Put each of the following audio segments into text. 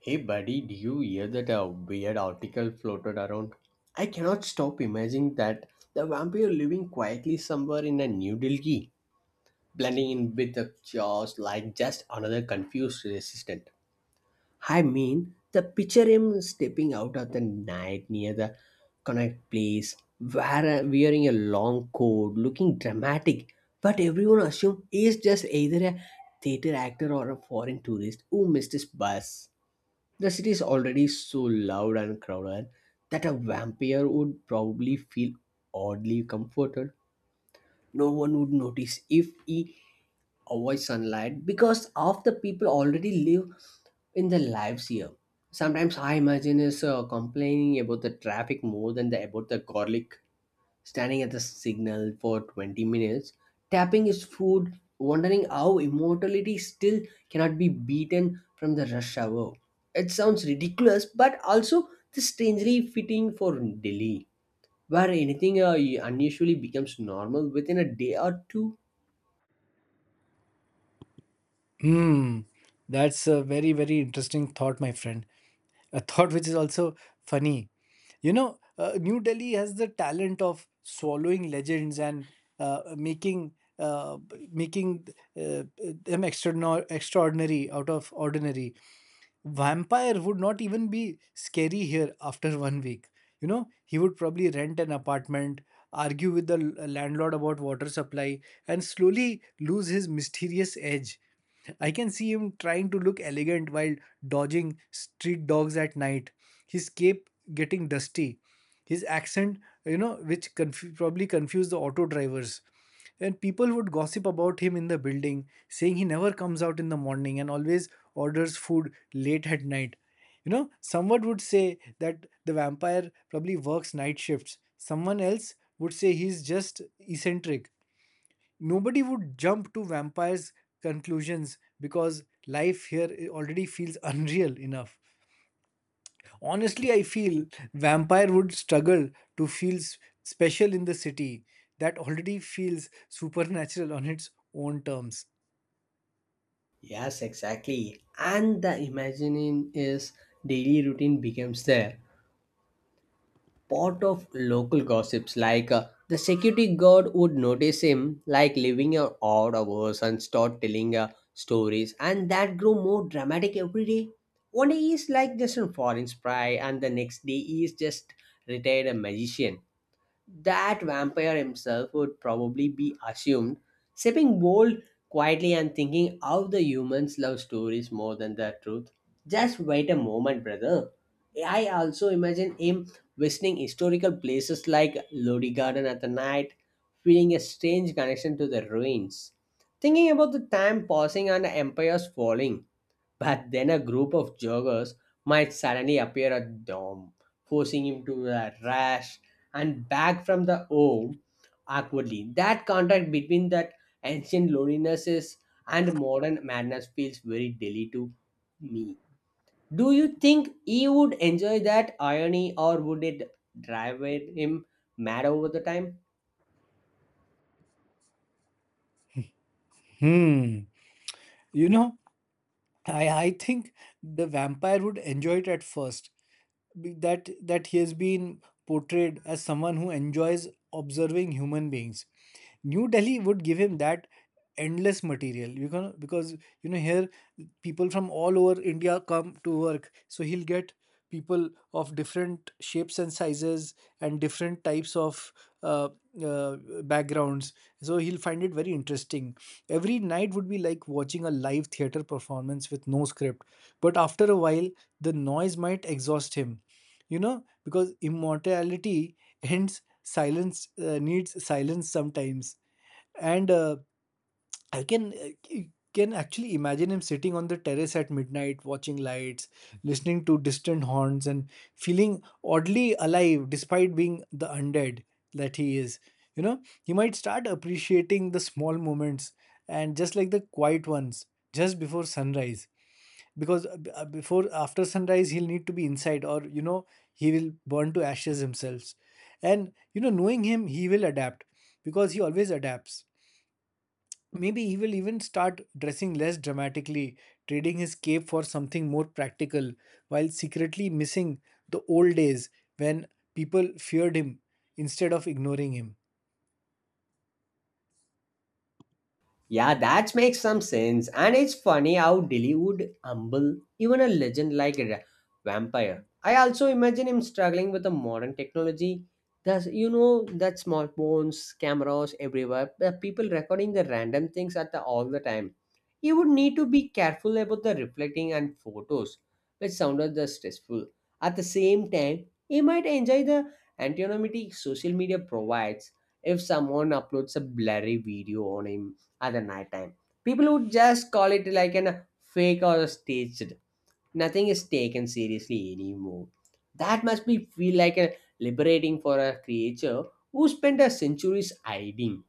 Hey buddy, do you hear that a weird article floated around? I cannot stop imagining that the vampire living quietly somewhere in a New Delhi, blending in with the chaos like just another confused resistant. I mean, the picture him stepping out of the night near the connect place, wearing a long coat, looking dramatic, but everyone assumed he is just either a theater actor or a foreign tourist who missed his bus. The city is already so loud and crowded that a vampire would probably feel oddly comforted. No one would notice if he avoids sunlight because half the people already live in their lives here. Sometimes I imagine us complaining about the traffic more than about the garlic standing at the signal for 20 minutes, tapping his foot, wondering how immortality still cannot be beaten from the rush hour. It sounds ridiculous, but also this strangely fitting for Delhi, where anything unusually becomes normal within a day or two. Hmm, that's a very, very interesting thought, my friend. A thought which is also funny. New Delhi has the talent of swallowing legends and uh, making uh, making them extraordinary, out of ordinary. Vampire would not even be scary here after 1 week. You know, he would probably rent an apartment, argue with the landlord about water supply, and slowly lose his mysterious edge. I can see him trying to look elegant while dodging street dogs at night, his cape getting dusty, his accent, you know, which probably confused the auto drivers. And people would gossip about him in the building, saying he never comes out in the morning and always orders food late at night. You know, someone would say that the vampire probably works night shifts. Someone else would say he's just eccentric. Nobody would jump to vampires conclusions because life here already feels unreal enough. Ye- Honestly, I feel vampire would struggle to feel special in the city that already feels supernatural on its own terms. Yes, exactly. And the imagining is daily routine becomes there. Part of local gossips like the security guard would notice him like living odd hours and start telling stories and that grew more dramatic every day. One day he's like just a foreign spy and the next day he is just retired a magician. That vampire himself would probably be assumed, sipping bold quietly and thinking how the humans love stories more than the truth. Just wait a moment, brother. I also imagine him visiting historical places like Lodi Garden at the night, feeling a strange connection to the ruins. Thinking about the time passing and the empires falling. But then a group of joggers might suddenly appear at Dom, forcing him to a rash and back from the home awkwardly. That contrast between that ancient loneliness and modern madness feels very daily to me. Do you think he would enjoy that irony or would it drive him mad over the time? Hmm, you know, I think the vampire would enjoy it at first. That he has been portrayed as someone who enjoys observing human beings. New Delhi would give him that endless material. You can, because you know, here people from all over India come to work, so he'll get people of different shapes and sizes and different types of uh, uh, backgrounds. So he'll find it very interesting. Every night would be like watching a live theater performance with no script. But after a while, the noise might exhaust him. Because immortality needs silence sometimes. And I can actually imagine him sitting on the terrace at midnight, watching lights, listening to distant horns, and feeling oddly alive despite being the undead that he is. You know, he might start appreciating the small moments and just like the quiet ones just before sunrise, because before after sunrise he'll need to be inside, or you know, he will burn to ashes himself. And you know, knowing him, he will adapt, because he always adapts. Maybe he will even start dressing less dramatically, trading his cape for something more practical, while secretly missing the old days when people feared him instead of ignoring him. Yeah, that makes some sense. And it's funny how Dilly would humble even a legend like a vampire. I also imagine him struggling with the modern technology. Thus, you know, that smartphones, cameras everywhere, the people recording the random things at all the time. He would need to be careful about the reflecting and photos, which sounded the stressful. At the same time, he might enjoy the anonymity social media provides if someone uploads a blurry video on him at the night time. People would just call it like an fake or staged. Nothing is taken seriously anymore. That must be feel like a liberating for a creature who spent a centuries hiding.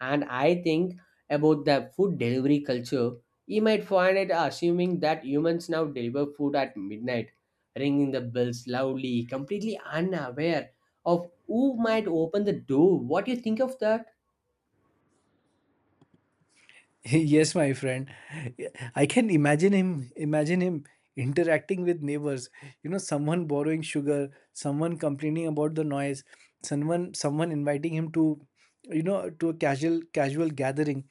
And I think about the food delivery culture, you might find it assuming that humans now deliver food at midnight, ringing the bells loudly, completely unaware of who might open the door. What do you think of that? Yes, my friend. I can imagine him interacting with neighbors. You know, someone borrowing sugar, someone complaining about the noise, someone inviting him to, you know, to a casual gathering.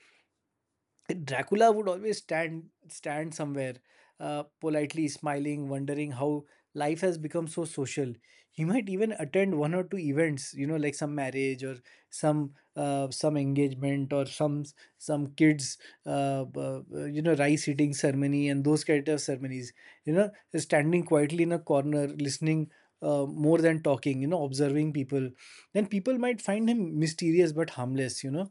Dracula would always stand somewhere, politely smiling, wondering how life has become so social. He might even attend one or two events, you know, like some marriage or some engagement or some kids, you know, rice eating ceremony and those kind of ceremonies. You know, standing quietly in a corner, listening. More than talking, you know, observing people, then people might find him mysterious but harmless. You know,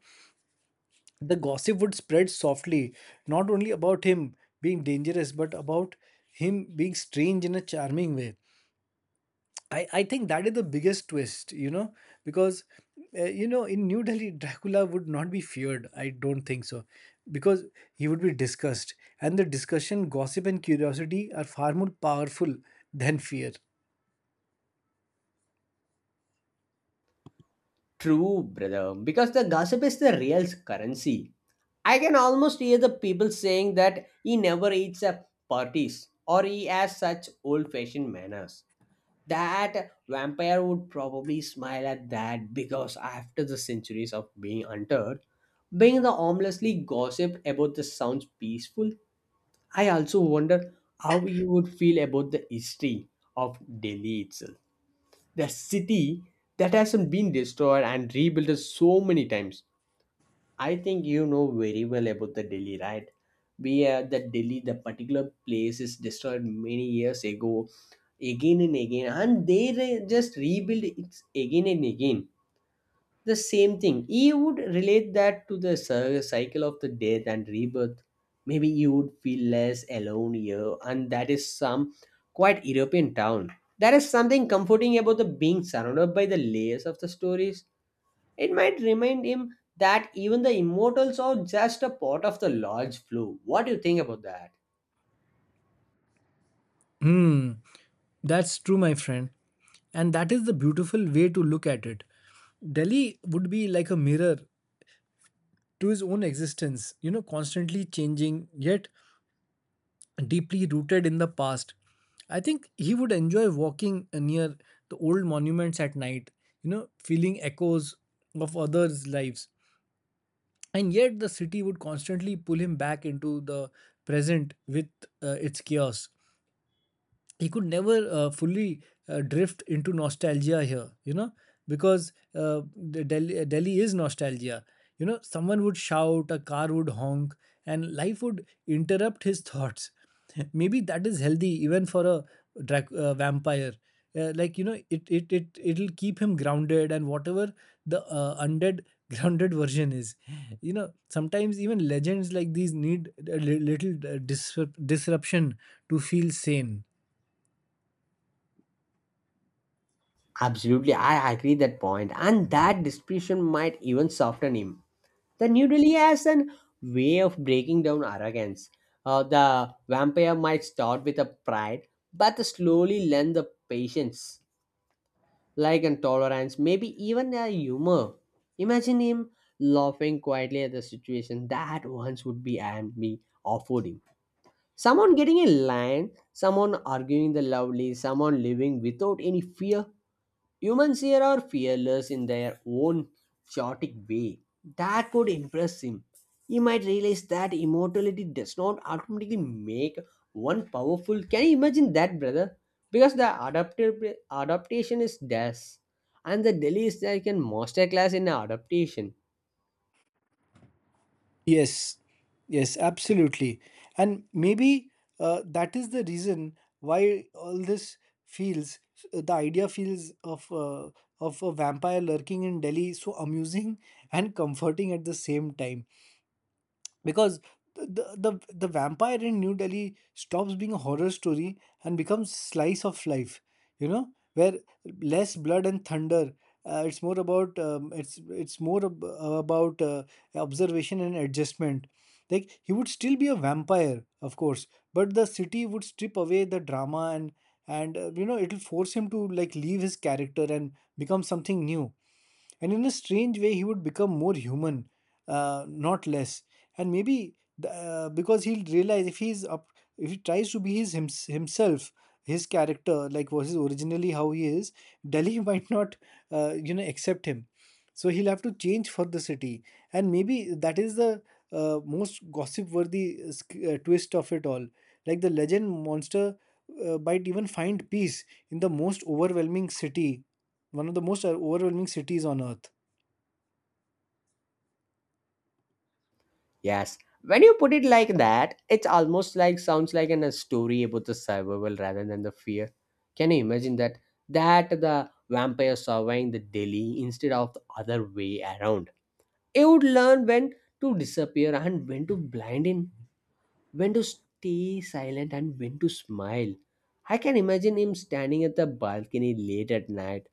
the gossip would spread softly, not only about him being dangerous, but about him being strange in a charming way. I think that is the biggest twist, you know, because, you know, in New Delhi, Dracula would not be feared. I don't think so, because he would be discussed. And the discussion, gossip, and curiosity are far more powerful than fear. True, brother, because the gossip is the real currency. I can almost hear the people saying that he never eats at parties or he has such old fashioned manners. That vampire would probably smile at that because after the centuries of being hunted, being the harmlessly gossip about the sounds peaceful, I also wonder how he would feel about the history of Delhi itself, the city that hasn't been destroyed and rebuilt so many times. I think you know very well about the Delhi, right? We the Delhi, the particular place is destroyed many years ago, again and again, and they just rebuild it again and again. The same thing. He would relate that to the cycle of the death and rebirth. Maybe he would feel less alone here, and that is some quite European town. There is something comforting about the being surrounded by the layers of the stories. It might remind him that even the immortals are just a part of the large flow. What do you think about that? Hmm, that's true, my friend. And that is the beautiful way to look at it. Delhi would be like a mirror to his own existence, you know, constantly changing yet deeply rooted in the past. I think he would enjoy walking near the old monuments at night, you know, feeling echoes of others' lives. And yet the city would constantly pull him back into the present with its chaos. He could never fully drift into nostalgia here, you know, because Delhi is nostalgia. You know, someone would shout, a car would honk, and life would interrupt his thoughts. Maybe that is healthy even for a vampire. Like, you know, it'll keep him grounded, and whatever the undead grounded version is, you know. Sometimes even legends like these need a little disruption to feel sane. Absolutely, I agree that point, and that description might even soften him. The New Delhi has an way of breaking down arrogance. The vampire might start with a pride, but slowly learn the patience, like and tolerance, maybe even a humor. Imagine him laughing quietly at the situation that once would be and be offered him. Someone getting a lion, someone arguing the lovely, someone living without any fear. Humans here are fearless in their own chaotic way. That could impress him. He might realize that immortality does not automatically make one powerful. Can you imagine that, brother? Because the adaptive adaptation is death, and the Delhi is like a master class in adaptation. Yes, yes, absolutely. And maybe that is the reason why all this feels, the idea feels of a vampire lurking in Delhi so amusing and comforting at the same time, because the, the vampire in New Delhi stops being a horror story and becomes slice of life. You know, where less blood and thunder. It's more about observation and adjustment. Like, he would still be a vampire, of course, but the city would strip away the drama. And You know, it'll force him to like leave his character and become something new, and in a strange way he would become more human, not less. And maybe the, because he'll realize if he's up if he tries to be his himself, his character like was his originally how he is, Delhi might not you know, accept him, so he'll have to change for the city. And maybe that is the most gossip worthy twist of it all, like the legend monster might even find peace in the most overwhelming city, one of the most overwhelming cities on earth. Yes, when you put it like that, it's almost like sounds like in a story about the survival rather than the fear. Can you imagine that? That the vampire surviving the Delhi instead of the other way around. It would learn when to disappear and when to blind in, when to stay silent and when to smile. I can imagine him standing at the balcony late at night,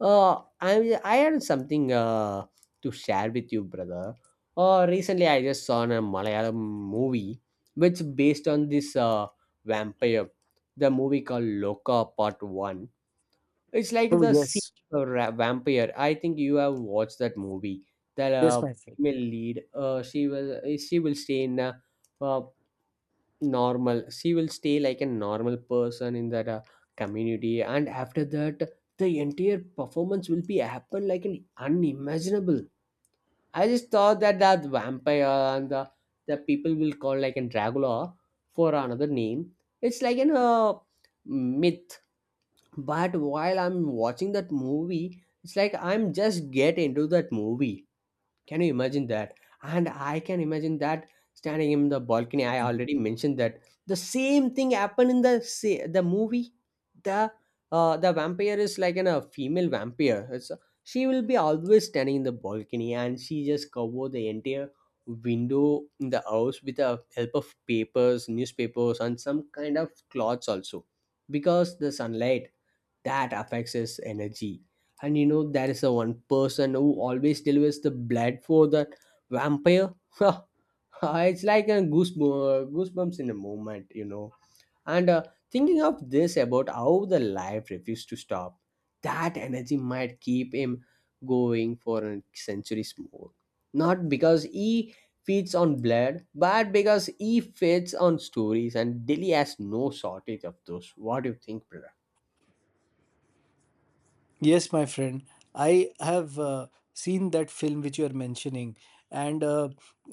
uh, I had something to share with you, brother. Recently, I just saw a Malayalam movie which based on this vampire. The movie called Loka Part One. It's like Oh, the sea yes. vampire. I think you have watched that movie. The Yes, uh, my friend. female lead, she will stay in a, uh normal, she will stay like a normal person in that community. And after that, the entire performance will be happen like an unimaginable. I just thought that that vampire and the people will call like an dracula for another name. It's like an myth, but while I'm watching that movie, it's like I'm just get into that movie. Can you imagine that? And I can imagine that standing in the balcony. I already mentioned that the same thing happened in the the movie. The the vampire is like an, a female vampire. It's, she will be always standing in the balcony, and she just cover the entire window in the house with the help of papers, newspapers, and some kind of cloths also, because the sunlight that affects his energy. And you know, there is a one person who always delivers the blood for the vampire. It's like a goosebumps in a moment, you know. And thinking of this about how the life refused to stop, that energy might keep him going for centuries more. Not because he feeds on blood, but because he feeds on stories, and Delhi has no shortage of those. What do you think, brother? Yes, my friend. I have seen that film which you are mentioning, and uh,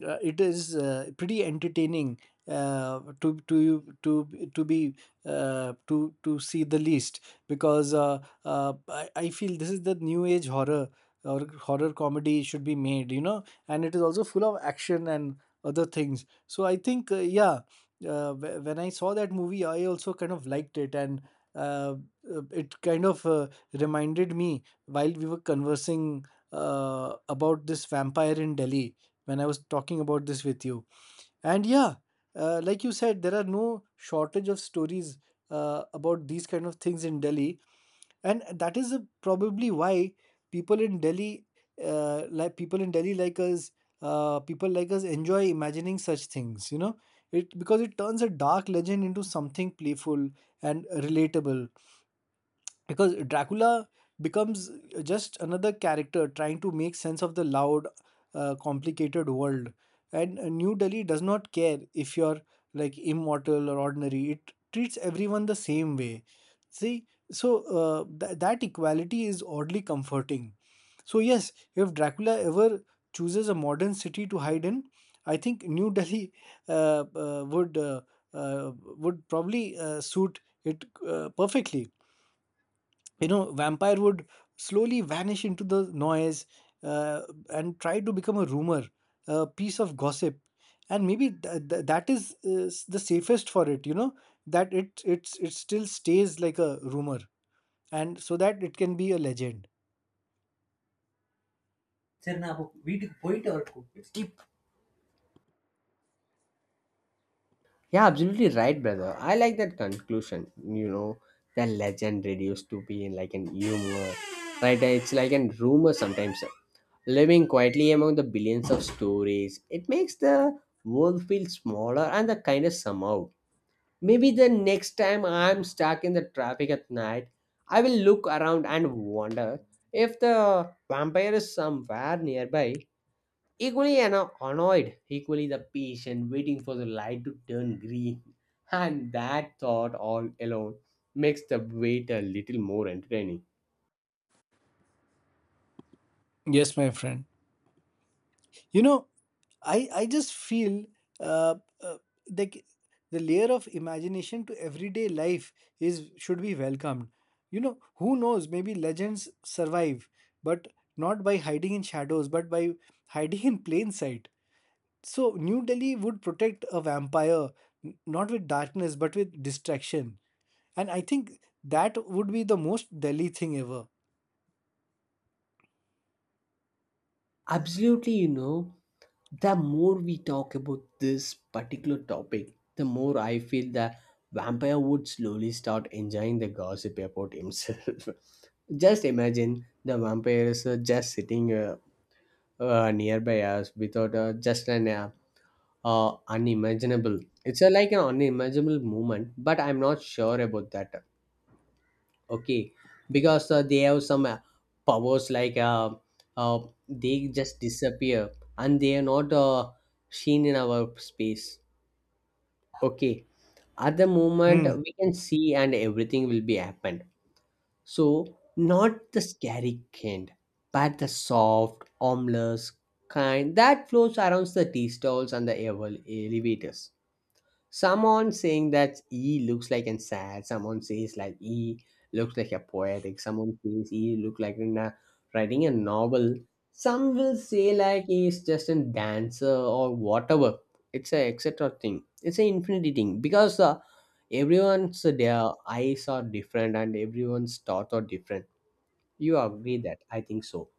uh, it is pretty entertaining to be to see the least, because I feel this is the new age horror or horror comedy should be made, you know, and it is also full of action and other things. So I think yeah, when I saw that movie, I also kind of liked it. And. Uh, it kind of reminded me while we were conversing about this vampire in Delhi when I was talking about this with you. And yeah, like you said, there are no shortage of stories about these kind of things in Delhi, and that is a, probably why people in Delhi, people in Delhi like us, people like us enjoy imagining such things. You know, it because it turns a dark legend into something playful and relatable, because Dracula becomes just another character trying to make sense of the loud, complicated world. And New Delhi does not care if you're like immortal or ordinary, it treats everyone the same way. See, so that equality is oddly comforting. So, yes, if Dracula ever chooses a modern city to hide in, I think New Delhi uh, uh, would uh, would probably suit it perfectly. You know, vampire would slowly vanish into the noise uh, and try to become a rumor, a piece of gossip. And maybe that is the safest for it, you know, that it still stays like a rumor, and so that it can be a legend. Yeah, absolutely right, brother. I like that conclusion. You know, the legend reduced to being like an humor, right? It's like a rumor sometimes. Living quietly among the billions of stories, it makes the world feel smaller and the kindness somehow. Maybe the next time I'm stuck in the traffic at night, I will look around and wonder if the vampire is somewhere nearby, equally annoyed, equally the patient waiting for the light to turn green. And that thought all alone makes the wait a little more entertaining. Yes, my friend. You know, I just feel uh, uh like the layer of imagination to everyday life is should be welcomed. You know, who knows, maybe legends survive, but not by hiding in shadows but by hiding in plain sight. So New Delhi would protect a vampire, not with darkness but with distraction. And I think that would be the most Delhi thing ever. Absolutely, you know, the more we talk about this particular topic, the more I feel the vampire would slowly start enjoying the gossip about himself. Just imagine the vampires are just sitting nearby us without just an unimaginable. It's a, like an unimaginable movement, but I'm not sure about that. Okay, because they have some powers like uh, they just disappear, and they are not seen in our space. Okay, at the moment Hmm. we can see and everything will be happen. So, not the scary kind, but the soft, ominous kind that floats around the tea stalls and the elevators. Someone saying that he looks like an sad. Someone says like he looks like a poetic. Someone says he look like in a, writing a novel. Some will say like he is just a dancer or whatever. It's a etc thing. It's an infinity thing because everyone's their eyes are different and everyone's thoughts are different. You agree that? I think so,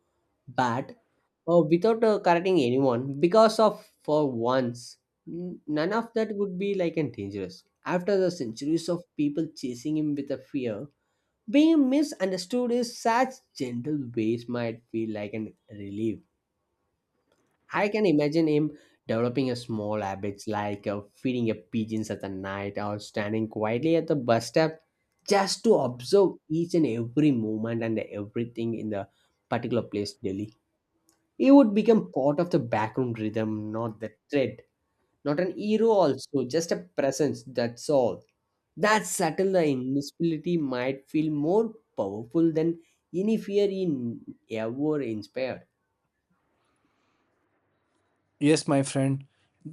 bad or without correcting anyone because of for once, none of that would be like and dangerous. After the centuries of people chasing him with a fear, being misunderstood in such gentle ways might feel like an relief. I can imagine him developing a small habits like feeding a pigeons at the night, or standing quietly at the bus stop just to observe each and every movement and everything in the particular place daily. He would become part of the background rhythm, not the thread. Not an hero, also, just a presence, that's all. That subtle the invisibility might feel more powerful than any fear he ever inspired. Yes, my friend.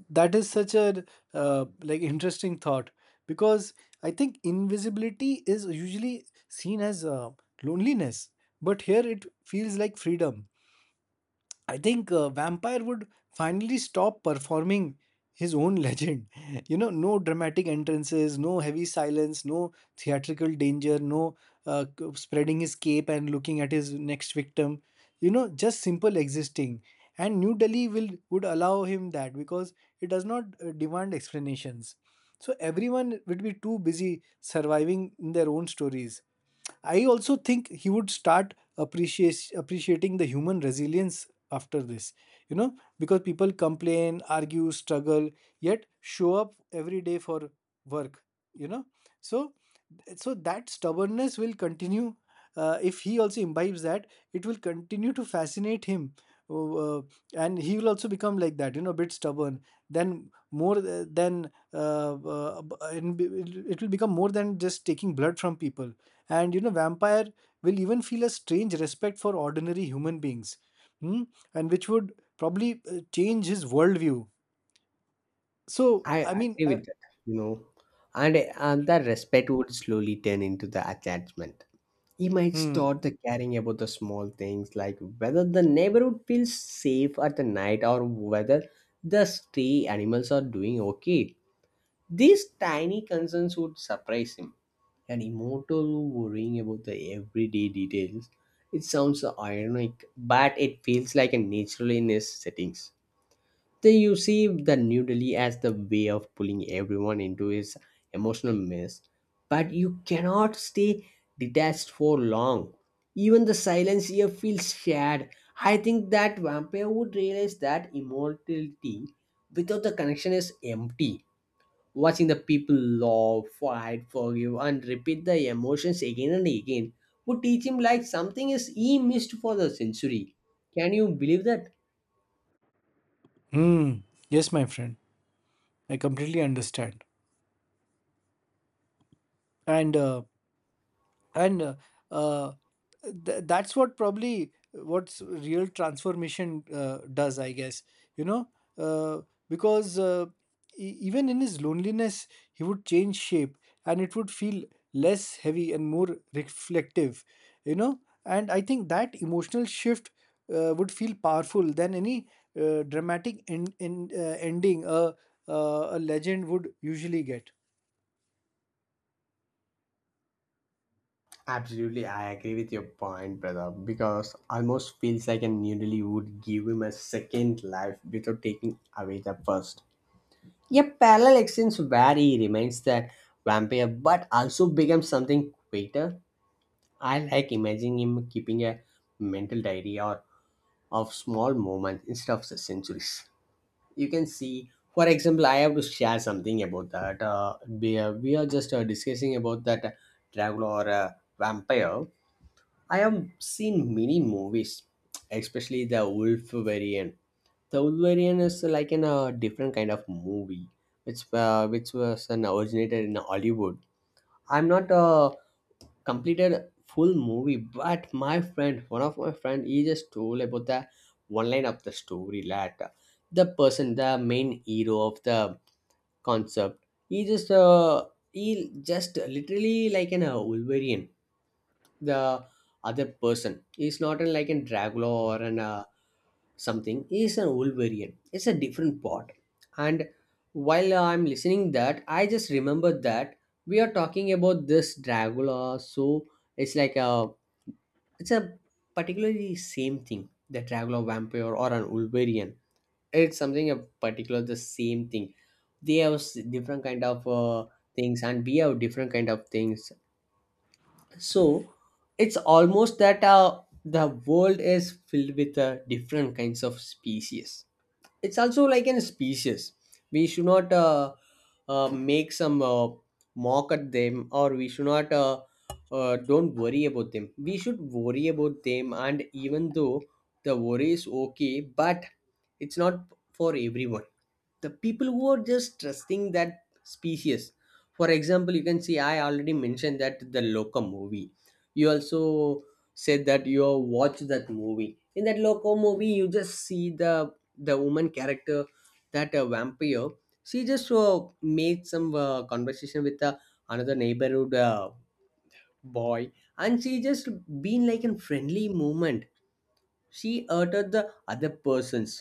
That is such a like interesting thought, because I think invisibility is usually seen as loneliness, but here it feels like freedom. I think Vampire would finally stop performing his own legend. You know, no dramatic entrances, no heavy silence, no theatrical danger, no spreading his cape and looking at his next victim. You know, just simple existing. And New Delhi will would allow him that because it does not demand explanations. So everyone would be too busy surviving in their own stories. I also think he would start appreciating the human resilience after this, you know, because people complain, argue, struggle, yet show up every day for work, you know. So, so that stubbornness will continue. If he also imbibes that, it will continue to fascinate him. Uh, and he will also become like that, you know, a bit stubborn. Then more and b- it will become more than just taking blood from people. And you know, vampire will even feel a strange respect for ordinary human beings, hmm? And which would probably change his worldview. So I I mean, agree with that, you know. And that respect would slowly turn into the attachment. He might hmm, start the caring about the small things like whether the neighborhood feels safe at the night or whether the stray animals are doing okay. These tiny concerns would surprise him, and immortal worrying about the everyday details. It sounds ironic, but it feels like a natural in his settings. Then you see the New Delhi as the way of pulling everyone into his emotional mess, but you cannot stay detached for long. Even the silence here feels shared. I think that vampire would realize that immortality without the connection is empty, watching the people laugh, fight, forgive, and repeat the emotions again and again would teach him like something is he missed for the century. Can you believe that? hmm. Yes, my friend, I completely understand. and uh, and uh, uh, that's what probably what's real transformation does, I guess, you know, uh, because even in his loneliness he would change shape, and it would feel less heavy and more reflective, you know. And I think that emotional shift would feel powerful than any dramatic ending a legend would usually get. Absolutely, I agree with your point, brother. Because almost feels like a noodle would give him a second life without taking away the first. A parallel exchange where he remains the vampire but also becomes something greater. I like imagining him keeping a mental diary or of small moments instead of the centuries. You can see, for example, I have to share something about that. We are just discussing about that dragon or vampire. I have seen many movies, especially the Wolverine. The Wolverine is like in a different kind of movie, which was an originated in Hollywood. I'm not a completed full movie, but my friend, one of my friend, he just told about the one line of the story that the person, the main hero of the concept, he just literally like an Wolverine, the other person. He's not an, like a Dracula or an something. He's an Wolverine. It's a different part. And while I'm listening that, I just remember that we are talking about this Dracula. So it's like a, it's a particularly same thing. The Dracula vampire or an Wolverine. It's something a particular the same thing. They have different kind of things, and we have different kind of things. So it's almost that the world is filled with different kinds of species. It's also like an species. We should not make some mock at them, or we should not don't worry about them. We should worry about them, and even though the worry is okay, but it's not for everyone, the people who are just trusting that species. For example, you can see I already mentioned that the loco movie. You also said that you have watched that movie. In that loco movie, you just see the woman character, that vampire. She just made some conversation with another neighborhood boy, and she just been like in friendly moment. She uttered the other person's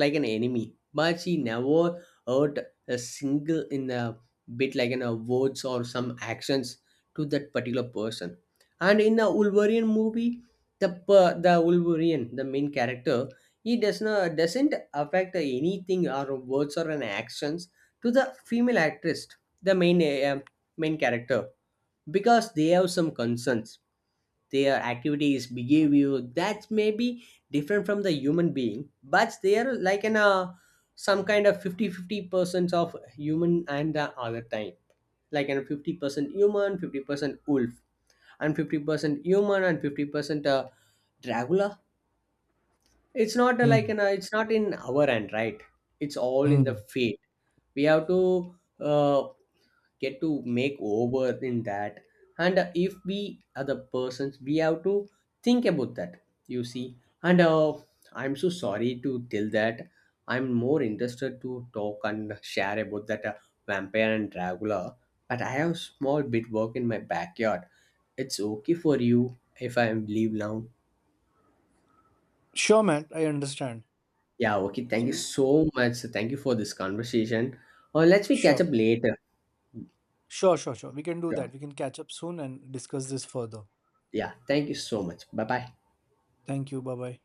like an enemy, but she never hurt a single in a bit, like in a words or some actions to that particular person. And in the Wolverine movie, the the Wolverine, the main character, he does not doesn't affect anything or words or an actions to the female actress, the main main character, because they have some concerns, their activities behavior that may be different from the human being, but they are like an some kind of fifty-fifty% of human and the other type, like an 50% human, 50% wolf, and 50% human and 50% dracula. It's not like Hmm. an it's not in our hand, right? It's all in Hmm. the fate. We have to uh, get to make over in that. And if we other persons, we have to think about that, you see. And I'm so sorry to tell that I'm more interested to talk and share about that vampire and dracula, but I have small bit work in my backyard. It's okay for you if I leave now? Sure, man, I understand. Yeah, okay, thank So you we so much. Thank you for this conversation. Or let's we catch Sure. up later. Sure. We can do Sure. that. We can catch up soon and discuss this further. Yeah, thank you so much. Bye bye. Thank you. Bye bye.